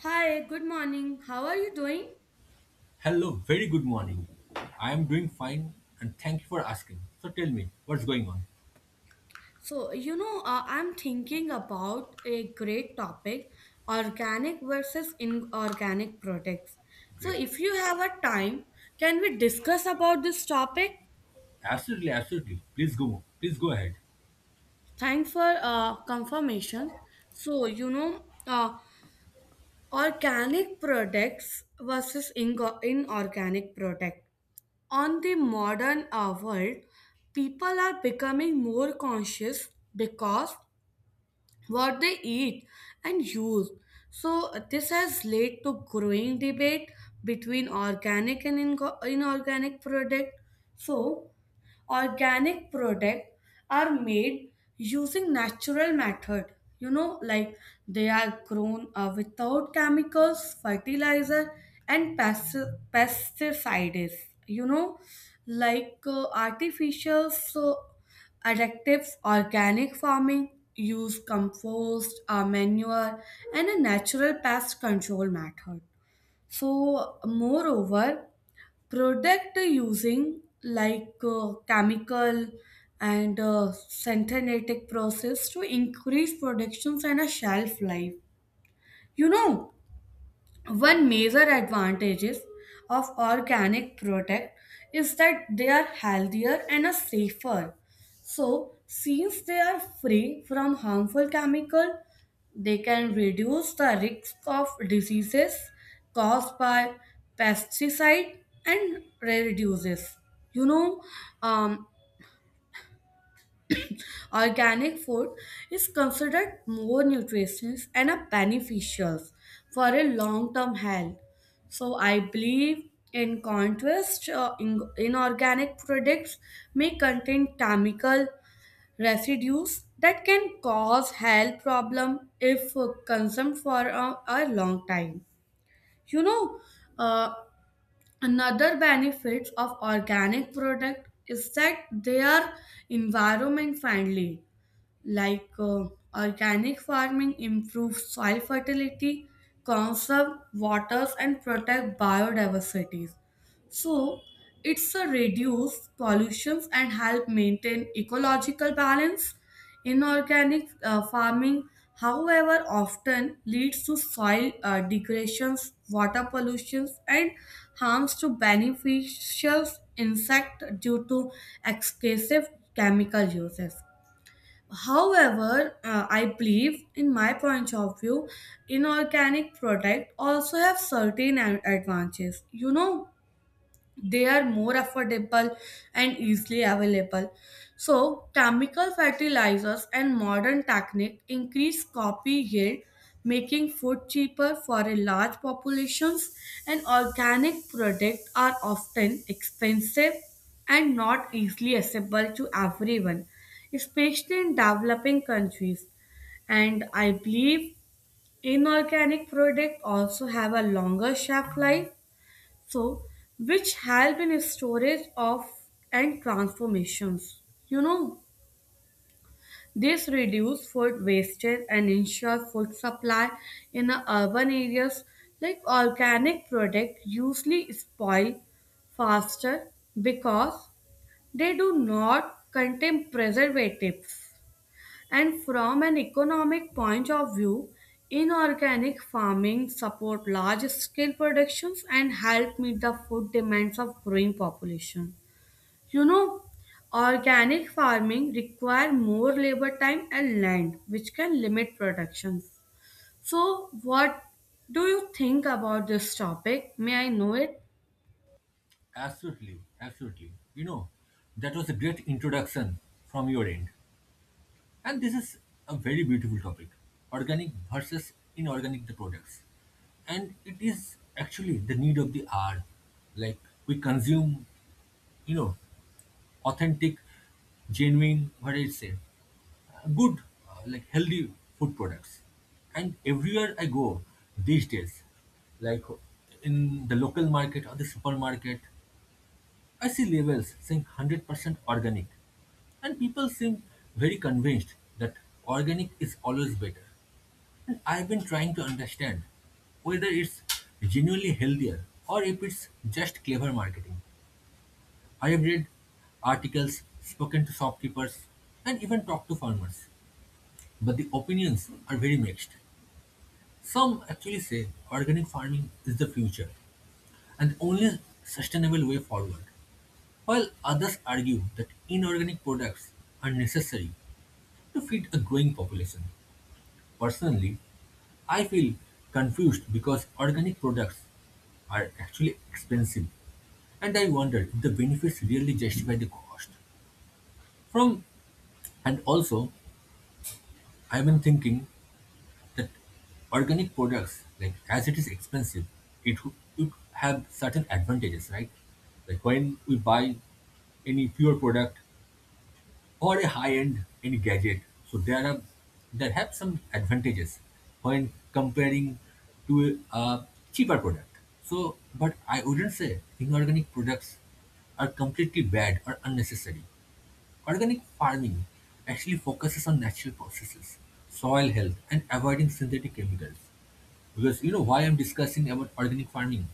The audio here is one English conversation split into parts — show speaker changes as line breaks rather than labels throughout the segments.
Hi, good morning. How are you doing?
Hello, very good morning. I am doing fine and thank you for asking. So tell me, what's going on?
So, I'm thinking about a great topic, organic versus inorganic products. So,
Great.
if you have a time, can we discuss about this topic?
Absolutely, absolutely. Please go. Please go ahead.
Thanks for confirmation. So, organic products versus inorganic product. On the modern world, people are becoming more conscious because what they eat and use. So, this has led to growing debate between organic and inorganic product. So, organic products are made using natural method, you know, like they are grown without chemicals fertilizer and pesticides, you know, like artificial, so additives organic farming use compost manure and a natural pest control method. So moreover, product using like chemical and synthetic process to increase productions and a shelf life. You know, one major advantages of organic product is that they are healthier and are safer. So, since they are free from harmful chemical, they can reduce the risk of diseases caused by pesticide and rare diseases. You know, um, Organic food is considered more nutritious and a beneficial for a long-term health. So I believe in contrast, inorganic products may contain chemical residues that can cause health problem if consumed for a long time. You know, uh, another benefit of organic product is that they are environment friendly, like organic farming improves soil fertility, conserve waters, and protect biodiversity. So it's a reduce pollutions and help maintain ecological balance. Inorganic farming, however, often leads to soil degradations, water pollutions, and harms to beneficial insect due to excessive chemical uses. However, I believe, in my point of view, inorganic product also have certain advantages. You know, they are more affordable and easily available. So, chemical fertilizers and modern technique increase copy yield, making food cheaper for a large populations. And organic products are often expensive and not easily accessible to everyone, especially in developing countries. And I believe inorganic products also have a longer shelf life, so which help in storage of and transformations. You know, this reduce food wastage and ensure food supply in the urban areas, like organic product usually spoil faster because they do not contain preservatives. And from an economic point of view, inorganic farming support large scale productions and help meet the food demands of growing population. You know, organic farming require more labor time and land, which can limit production. So what do you think about this topic? May I know it?
Absolutely, absolutely. You know, that was a great introduction from your end. And this is a very beautiful topic. Organic versus inorganic the products. And it is actually the need of the hour. Like we consume you know authentic, genuine, what I say, good, like healthy food products. And everywhere I go these days, like in the local market or the supermarket, I see labels saying 100% organic. And people seem very convinced that organic is always better. And I've been trying to understand whether it's genuinely healthier or if it's just clever marketing. I have read articles, spoken to shopkeepers, and even talked to farmers, but the opinions are very mixed. Some actually say organic farming is the future and the only sustainable way forward, while others argue that inorganic products are necessary to feed a growing population. Personally, I feel confused because organic products are actually expensive and I wonder if the benefits really justify the cost. From and also I've been thinking that organic products, like as it is expensive, would have certain advantages, right? Like when we buy any pure product or a high-end any gadget, so there have some advantages when comparing to a cheaper product. So, but I wouldn't say inorganic products are completely bad or unnecessary. Organic farming actually focuses on natural processes, soil health, and avoiding synthetic chemicals. Because you know why I'm discussing about organic farming?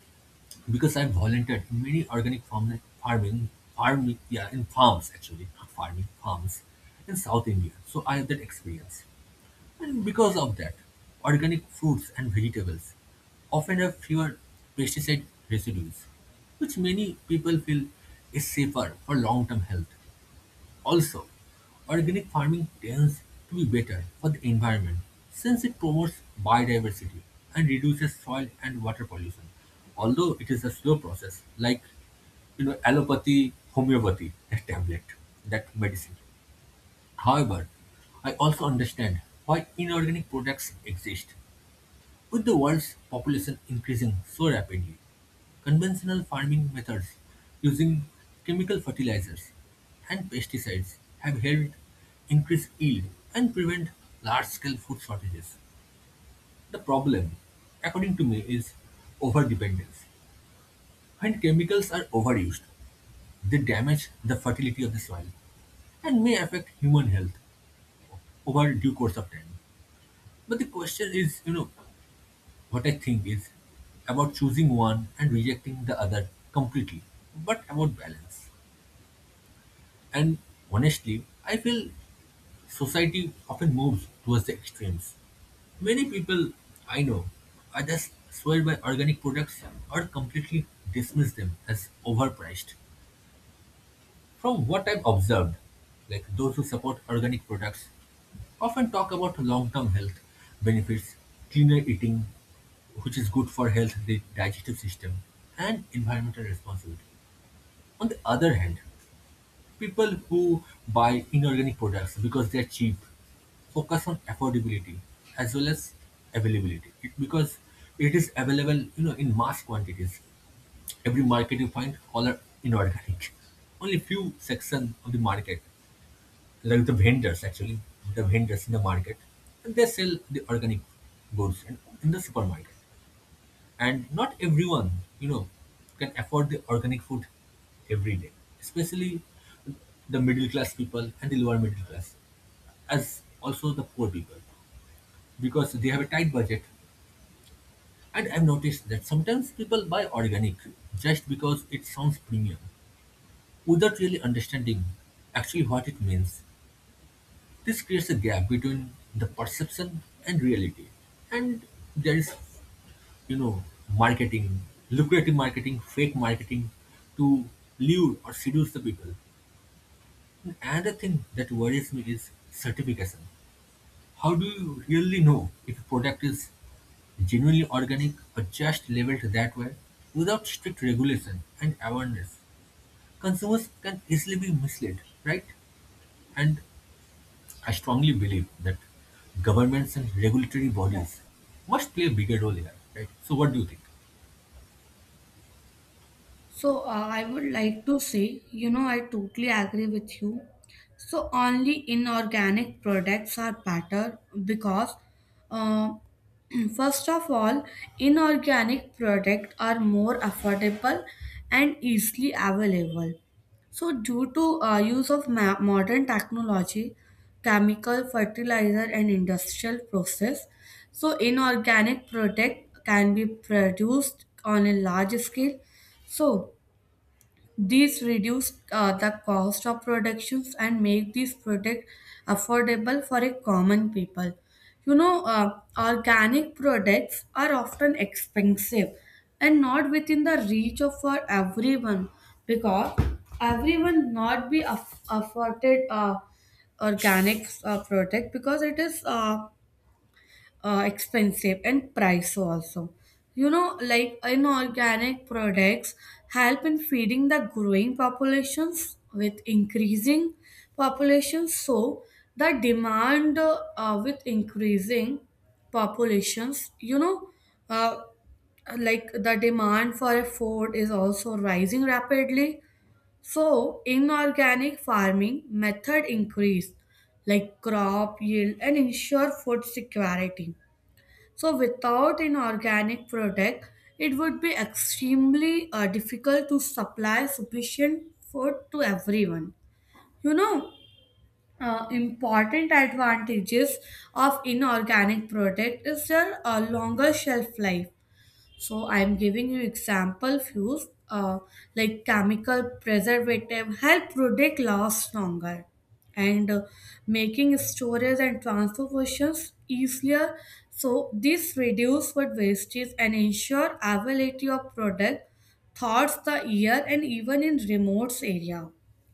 Because I've volunteered in many organic farm, farming, farm, yeah, in farms actually, not farming, farms in South India. So I have that experience. And because of that, organic fruits and vegetables often have fewer pesticide residues, which many people feel is safer for long-term health. Also, organic farming tends to be better for the environment since it promotes biodiversity and reduces soil and water pollution. Although it is a slow process, like you know, allopathy, homeopathy, that tablet, that medicine. However, I also understand why inorganic products exist with the world's population increasing so rapidly, conventional farming methods using chemical fertilizers and pesticides have helped increase yield and prevent large scale food shortages. The problem, according to me, is over dependence. When chemicals are overused, they damage the fertility of the soil and may affect human health over due course of time. But the question is, you know, what I think is about choosing one and rejecting the other completely, but about balance. And honestly, I feel society often moves towards the extremes. Many people I know either swear by organic products or completely dismiss them as overpriced. From what I've observed, like those who support organic products often talk about long-term health benefits, cleaner eating, which is good for health, the digestive system, and environmental responsibility. On the other hand, people who buy inorganic products because they're cheap focus on affordability as well as availability. It- because it is available you know in mass quantities, every market you find all are inorganic. Only few section of the market, like the vendors actually, the vendors in the market, and they sell the organic goods in the supermarket. And not everyone, you know, can afford the organic food every day, especially the middle class people and the lower middle class, as also the poor people, because they have a tight budget. And I've noticed that sometimes people buy organic just because it sounds premium, without really understanding actually what it means. This creates a gap between the perception and reality. And there is, you know, marketing, lucrative marketing, fake marketing to lure or seduce the people. And another thing that worries me is certification. How do you really know if a product is genuinely organic or just labeled that way? Without strict regulation and awareness, consumers can easily be misled, right? And I strongly believe that governments and regulatory bodies must play a bigger role here, right? So what do you think?
So, I would like to say, you know, I totally agree with you. So, only inorganic products are better because, uh, first of all, inorganic products are more affordable and easily available. So, due to use of modern technology, chemical, fertilizer, and industrial process, so inorganic product can be produced on a large scale. So, these reduce the cost of productions and make these products affordable for a common people. You know, organic products are often expensive and not within the reach of for everyone, because everyone not be afforded organic product because it is expensive and price also. You know, like inorganic products help in feeding the growing populations. With increasing populations, so the demand with increasing populations, you know uh, like the demand for a food is also rising rapidly. So inorganic farming method increase like crop yield and ensure food security, so without an organic product, it would be extremely difficult to supply sufficient food to everyone. You know, important advantages of inorganic product is their longer shelf life. So I'm giving you example few, uh, like chemical preservative help product last longer and making storage and transfer functions easier. So this reduce food wastage and ensure availability of product thoughts the ear and even in remote area.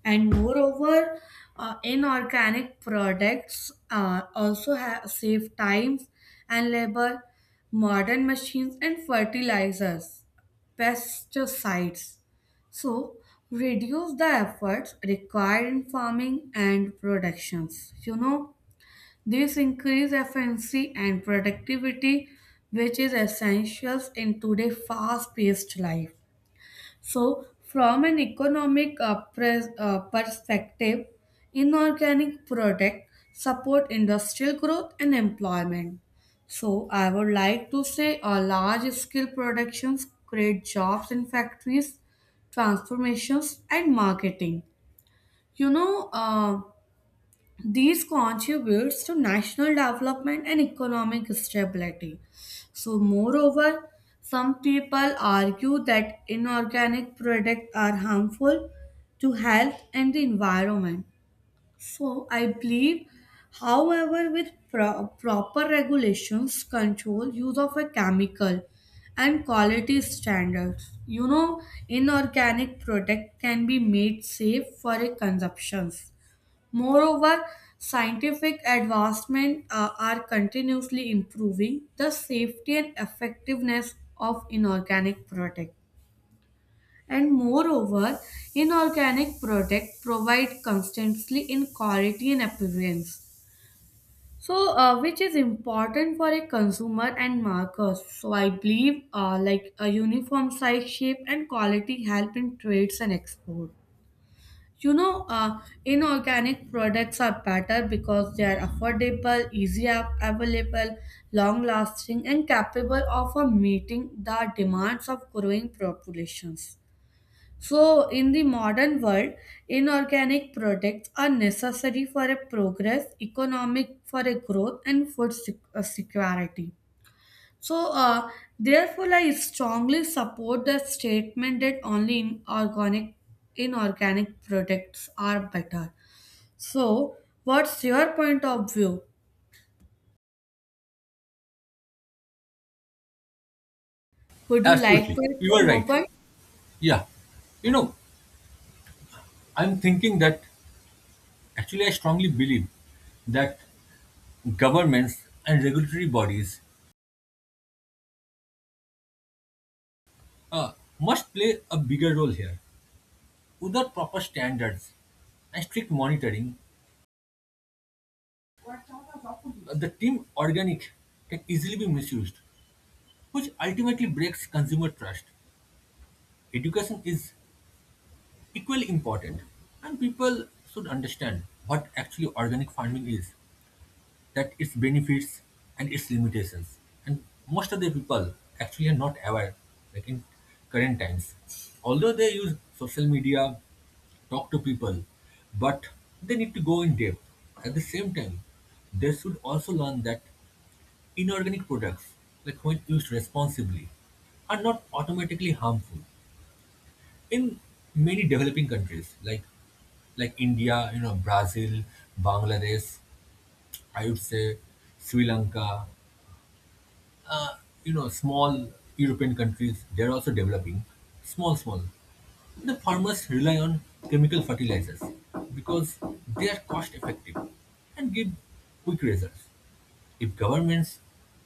And moreover, inorganic products also have save times and labor, modern machines and fertilizers pesticides, so reduce the efforts required in farming and productions. You know, this increase efficiency and productivity, which is essentials in today's fast paced life. So, from an economic perspective, inorganic product support industrial growth and employment. So, I would like to say large scale productions create jobs in factories, transformations, and marketing. You know, these contributes to national development and economic stability. So, moreover, some people argue that inorganic products are harmful to health and the environment. So, I believe, however, with proper regulations, control, use of a chemical, and quality standards, you know, inorganic product can be made safe for a consumption. Moreover, scientific advancements are continuously improving the safety and effectiveness of inorganic product. And moreover, inorganic product provide constantly in quality and appearance. So, which is important for a consumer and markers. So, I believe like a uniform size, shape, and quality help in trades and export. You know, inorganic products are better because they are affordable, easy available, long lasting, and capable of meeting the demands of growing populations. So, in the modern world, inorganic products are necessary for a progress, economic for a growth, and food security. So, therefore, I strongly support the statement that only in organic, inorganic products are better. So, what's your point of view? Would you like
Absolutely.
to add
You are
some more
right.
point?
Yeah. You know, I'm thinking that actually I strongly believe that governments and regulatory bodies uh, must play a bigger role here. Without proper standards and strict monitoring, the term organic can easily be misused, which ultimately breaks consumer trust. Education is equally important and people should understand what actually organic farming is, that its benefits and its limitations, and most of the people actually are not aware, like in current times, although they use social media, talk to people, but they need to go in depth. At the same time, they should also learn that inorganic products, like when used responsibly, are not automatically harmful. In many developing countries like India, you know, Brazil, Bangladesh, I would say Sri Lanka, uh, you know, small European countries, they're also developing, small. The farmers rely on chemical fertilizers because they are cost effective and give quick results. If governments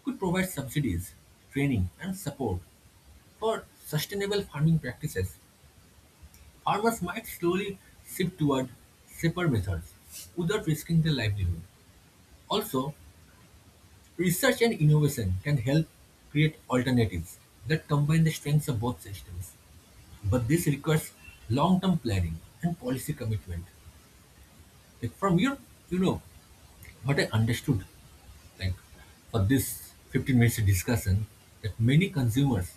could provide subsidies, training, and support for sustainable farming practices, farmers might slowly shift toward safer methods without risking their livelihood. Also, research and innovation can help create alternatives that combine the strengths of both systems. But this requires long-term planning and policy commitment. Like from your, you know, what I understood, like for this 15 minutes discussion, that many consumers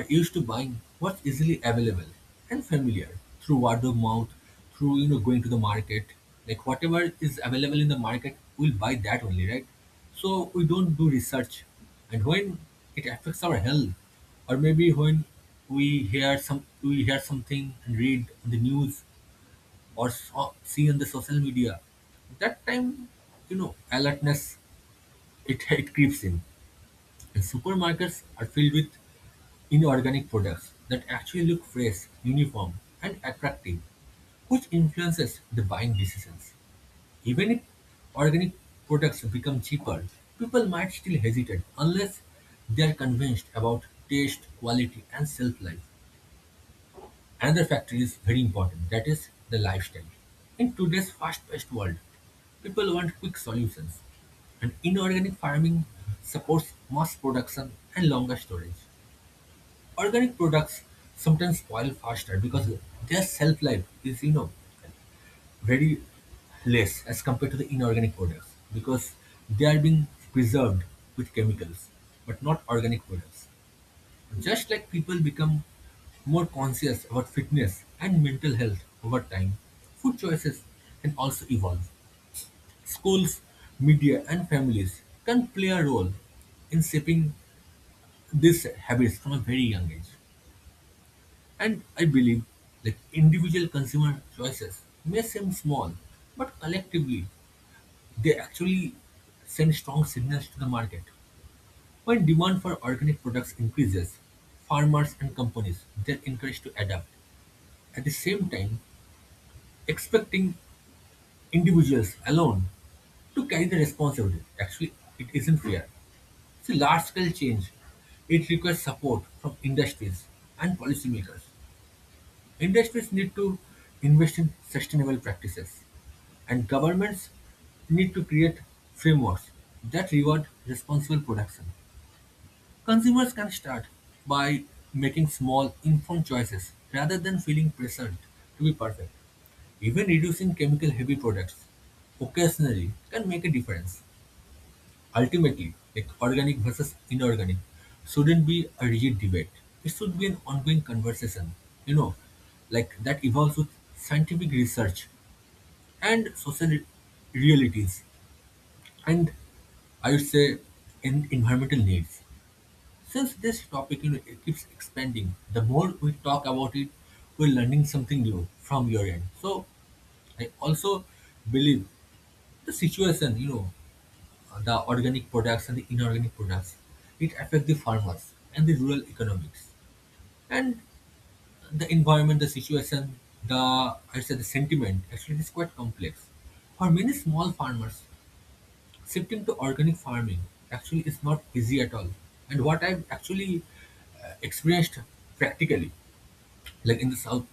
are used to buying what's easily available and familiar through word of mouth, through you know going to the market. Like whatever is available in the market, we'll buy that only, right? So we don't do research, and when it affects our health, or maybe when we hear something and read on the news see on the social media. That time, you know, alertness, it creeps in. And supermarkets are filled with inorganic products that actually look fresh, uniform, and attractive, which influences the buying decisions. Even if organic products become cheaper, people might still hesitate unless they are convinced about taste, quality, and shelf life. Another factor is very important, that is the lifestyle. In today's fast-paced world, people want quick solutions, and inorganic farming supports mass production and longer storage. Organic products sometimes spoil faster because their shelf life is, you know, very less as compared to the inorganic products because they are being preserved with chemicals, but not organic products. Just like people become more conscious about fitness and mental health over time, food choices can also evolve. Schools, media, and families can play a role in shaping these habits from a very young age. And I believe that individual consumer choices may seem small, but collectively they actually send strong signals to the market. When demand for organic products increases, farmers and companies they're encouraged to adapt. At the same time, expecting individuals alone to carry the responsibility, actually, it isn't fair. See, large-scale change, it requires support from industries and policymakers. Industries need to invest in sustainable practices, and governments need to create frameworks that reward responsible production. Consumers can start by making small, informed choices rather than feeling pressured to be perfect. Even reducing chemical-heavy products occasionally can make a difference. Ultimately, like organic versus inorganic shouldn't be a rigid debate. It should be an ongoing conversation, you know, like that evolves with scientific research and realities and I would say in environmental needs. Since this topic you know, it keeps expanding, the more we talk about it, we're learning something new from your end. So I also believe the situation, you know, the organic products and the inorganic products, it affect the farmers and the rural economics and the environment, the situation, the I say the sentiment. Actually, it is quite complex. For many small farmers, shifting to organic farming actually is not easy at all. And what I've actually experienced practically, like in the south,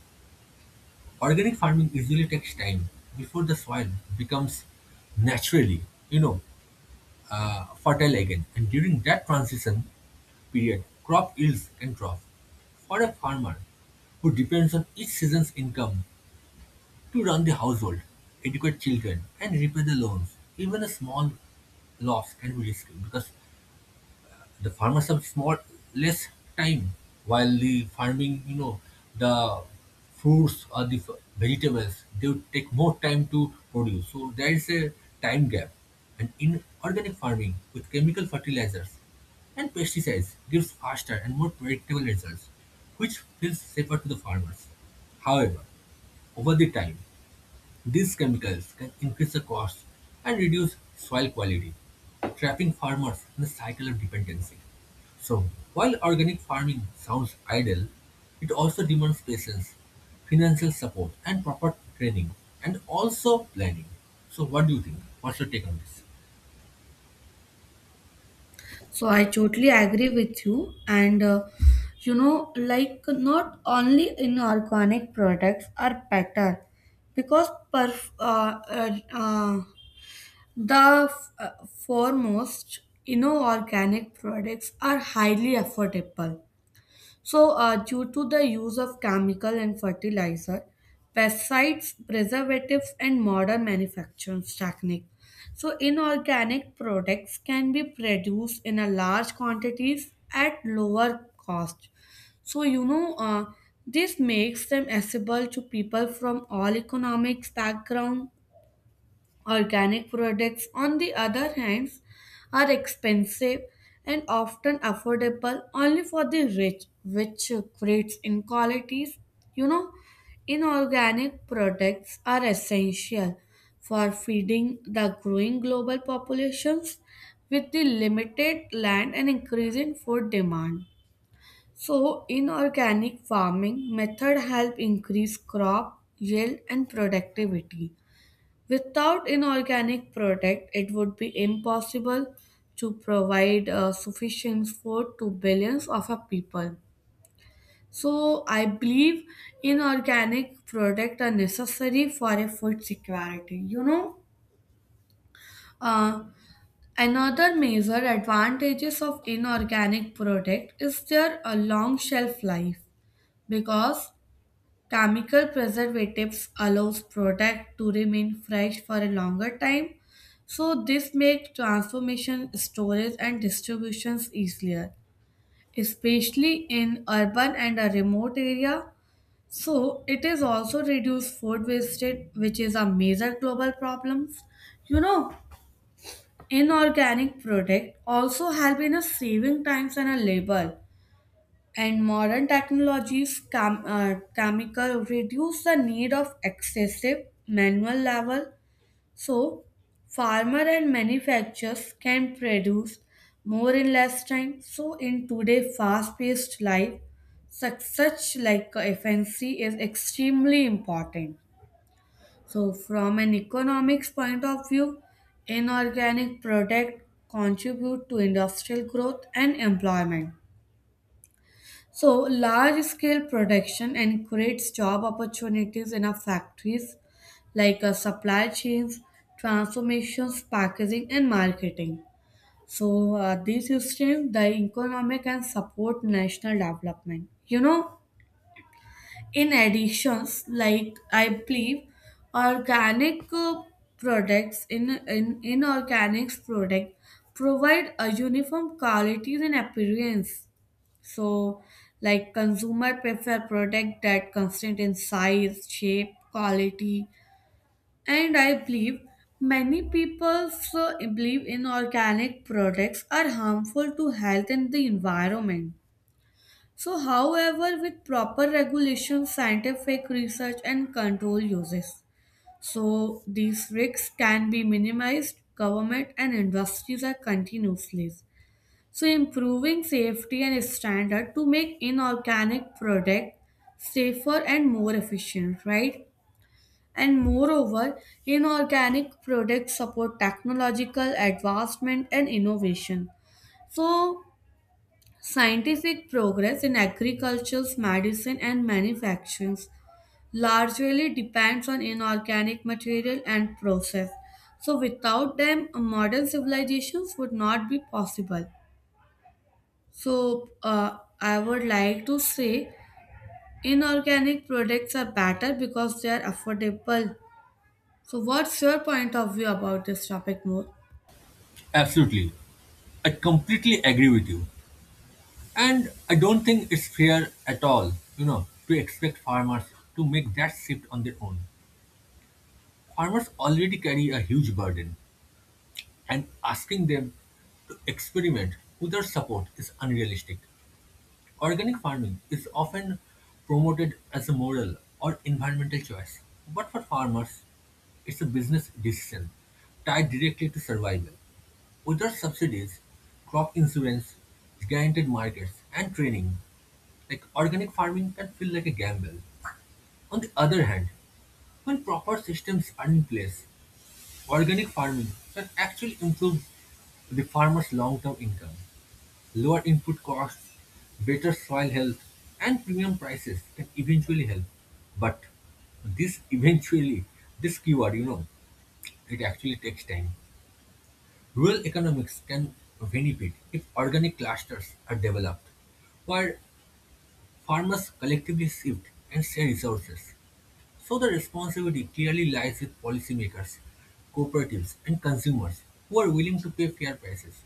organic farming usually takes time before the soil becomes naturally, you know, fertile again. And during that transition period, crop yields can drop. For a farmer who depends on each season's income to run the household, educate children, and repay the loans, even a small loss can be risky because the farmers have small less time. While the farming you know the fruits or the vegetables they would take more time to produce, so there is a time gap. And in organic farming with chemical fertilizers and pesticides gives faster and more predictable results, which feels safer to the farmers. However, over the time, these chemicals can increase the cost and reduce soil quality, trapping farmers in a cycle of dependency. So, while organic farming sounds ideal, it also demands patience, financial support, and proper training, and also planning. So, what do you think? What's your take on this?
So, I totally agree with you. And, you know, like not only inorganic products are better because perf- uh, uh, uh, the foremost inorganic products are highly affordable. So, due to the use of chemical and fertilizer, pesticides, preservatives, and modern manufacturing technique, so inorganic products can be produced in a large quantities at lower cost. So, you know, this makes them accessible to people from all economics background. Organic products, on the other hand, are expensive and often affordable only for the rich, which creates inequalities. You know, inorganic products are essential for feeding the growing global populations with the limited land and increasing food demand. So, inorganic farming method help increase crop yield and productivity. Without inorganic product, it would be impossible to provide sufficient food to billions of our people. So I believe inorganic product are necessary for a food security. You know, uh, another major advantages of inorganic product is their long shelf life, because chemical preservatives allows product to remain fresh for a longer time, so this makes transformation, storage, and distributions easier, especially in urban and a remote area. So it is also reduce food wastage, which is a major global problem. You know, inorganic product also help in a saving times and a labor, and modern technologies, chemical reduce the need of excessive manual labor, so farmer and manufacturers can produce more in less time. So in today's fast-paced life, such like efficiency is extremely important. So from an economics point of view, inorganic product contribute to industrial growth and employment. So, large scale production and creates job opportunities in our factories, like supply chains, transformations, packaging, and marketing. So, these systems, the economic and support national development. You know, in additions, like I believe, organic products in inorganic product provide a uniform quality and appearance. So, like consumer prefer product that constant in size, shape, quality, and I believe many people so believe in organic products are harmful to health and the environment. So, however, with proper regulation, scientific research, and control uses, so these risks can be minimized. Government and industries are continuously so improving safety and standard to make inorganic product safer and more efficient, right? And moreover, inorganic products support technological advancement and innovation. So scientific progress in agriculture, medicine and manufacturing largely depends on inorganic material and process. So without them, modern civilizations would not be possible. So, I would like to say inorganic products are better because they are affordable. So, what's your point of view about this topic more?
Absolutely. I completely agree with you. And I don't think it's fair at all, you know, to expect farmers to make that shift on their own. Farmers already carry a huge burden and asking them to experiment without support is unrealistic. Organic farming is often promoted as a moral or environmental choice, but for farmers, it's a business decision tied directly to survival. Without subsidies, crop insurance, guaranteed markets, and training, like organic farming can feel like a gamble. On the other hand, when proper systems are in place, organic farming can actually improve the farmer's long-term income. Lower input costs, better soil health, and premium prices can eventually help. But this eventually, this keyword, it actually takes time. Rural economics can benefit if organic clusters are developed, where farmers collectively shift and share resources. So the responsibility clearly lies with policymakers, cooperatives, and consumers who are willing to pay fair prices.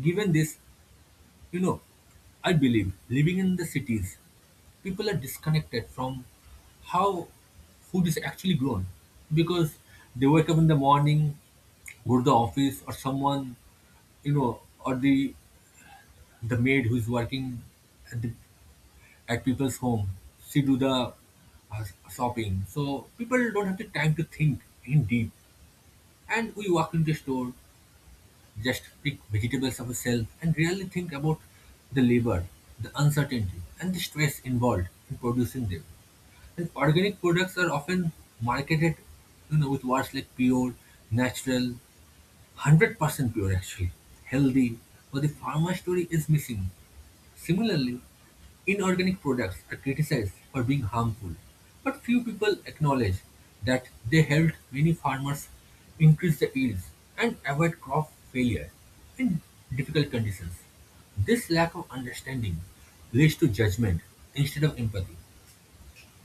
Given this, you know, I believe living in the cities, people are disconnected from how food is actually grown because they wake up in the morning, go to the office, or or the maid who's working at the at people's home. She do the uh, shopping, so people don't have the time to think in deep. And we walk into the store, just pick vegetables off a shelf, and really think about the labor, the uncertainty, and the stress involved in producing them. And organic products are often marketed, with words like pure, natural. 100% pure actually, healthy, but the pharma story is missing. Similarly, inorganic products are criticized for being harmful, but few people acknowledge that they helped many farmers increase the yields and avoid crop failure in difficult conditions. This lack of understanding leads to judgment instead of empathy.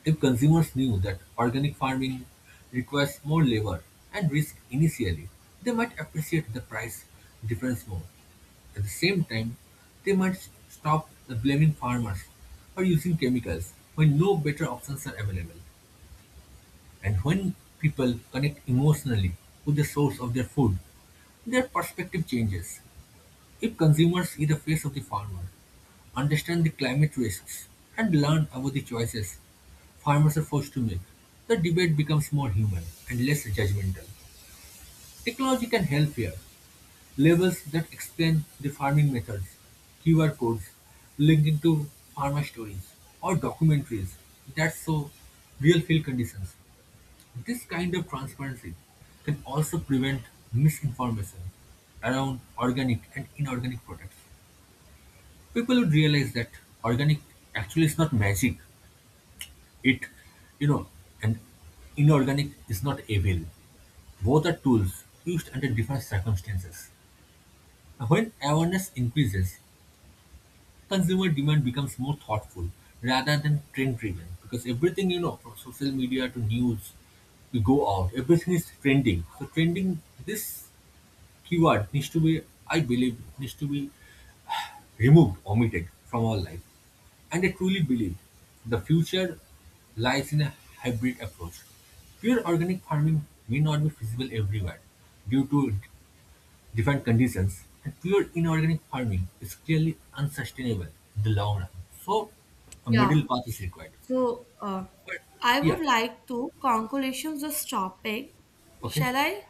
If consumers knew that organic farming requires more labor and risk initially, they might appreciate the price difference more. At the same time, they might stop blaming farmers for using chemicals when no better options are available. And when people connect emotionally with the source of their food, their perspective changes. If consumers see the face of the farmer, understand the climate risks, and learn about the choices farmers are forced to make, the debate becomes more human and less judgmental. Technology can help here. Labels that explain the farming methods, QR codes linking to farmer stories, or documentaries that show real field conditions. This kind of transparency can also prevent misinformation around organic and inorganic products. People would realize that organic actually is not magic. It, you know, and inorganic is not evil. Both are tools used under different circumstances. And when awareness increases, consumer demand becomes more thoughtful rather than trend driven, because everything from social media to news we go out everything is trending, so trending this keyword needs to be, I believe, needs to be removed, omitted from our life. And I truly believe the future lies in a hybrid approach. Pure organic farming may not be feasible everywhere due to different conditions, and pure inorganic farming is clearly unsustainable in the long run. So, a
Yeah.
middle path is required.
So,
But
I would
yeah,
like to conclusion this topic.
okay.
Shall I?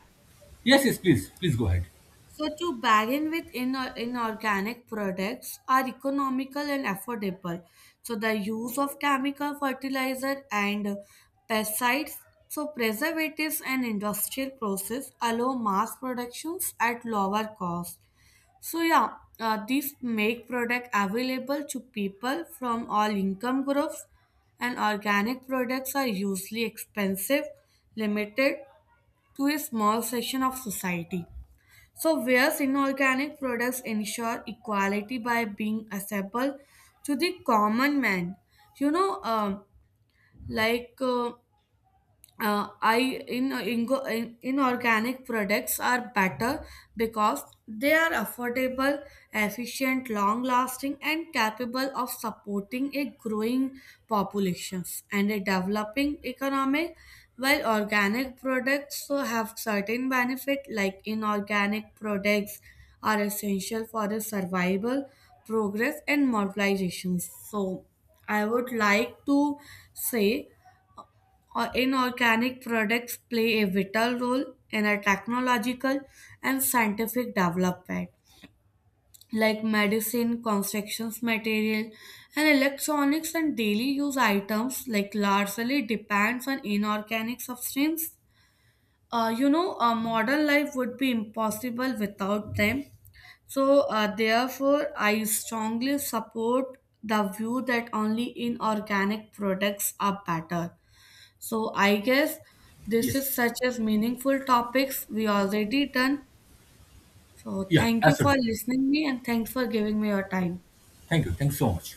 Yes, yes, please, please go ahead.
So to bargain with inorganic products are economical and affordable. So the use of chemical fertilizer and pesticides, so preservatives and industrial process allow mass productions at lower cost. So yeah, these make product available to people from all income groups, and organic products are usually expensive, limited to a small section of society. So, whereas inorganic products ensure equality by being accessible to the common man, you know, like. I in, ingo- in inorganic products are better because they are affordable, efficient, long lasting, and capable of supporting a growing populations and a developing economy. While organic products so have certain benefit, like inorganic products are essential for the survival, progress, and modernization. So I would like to say or inorganic products play a vital role in our technological and scientific development, like medicine, construction material, and electronics and daily use items like largely depends on inorganic substances. You know, a modern life would be impossible without them. So, therefore, I strongly support the view that only inorganic products are better. So I guess this
Yes,
is such as meaningful topics we already done. So
yeah,
thank you for
absolutely.
listening me and thanks for giving me your time.
Thank you. Thanks so much.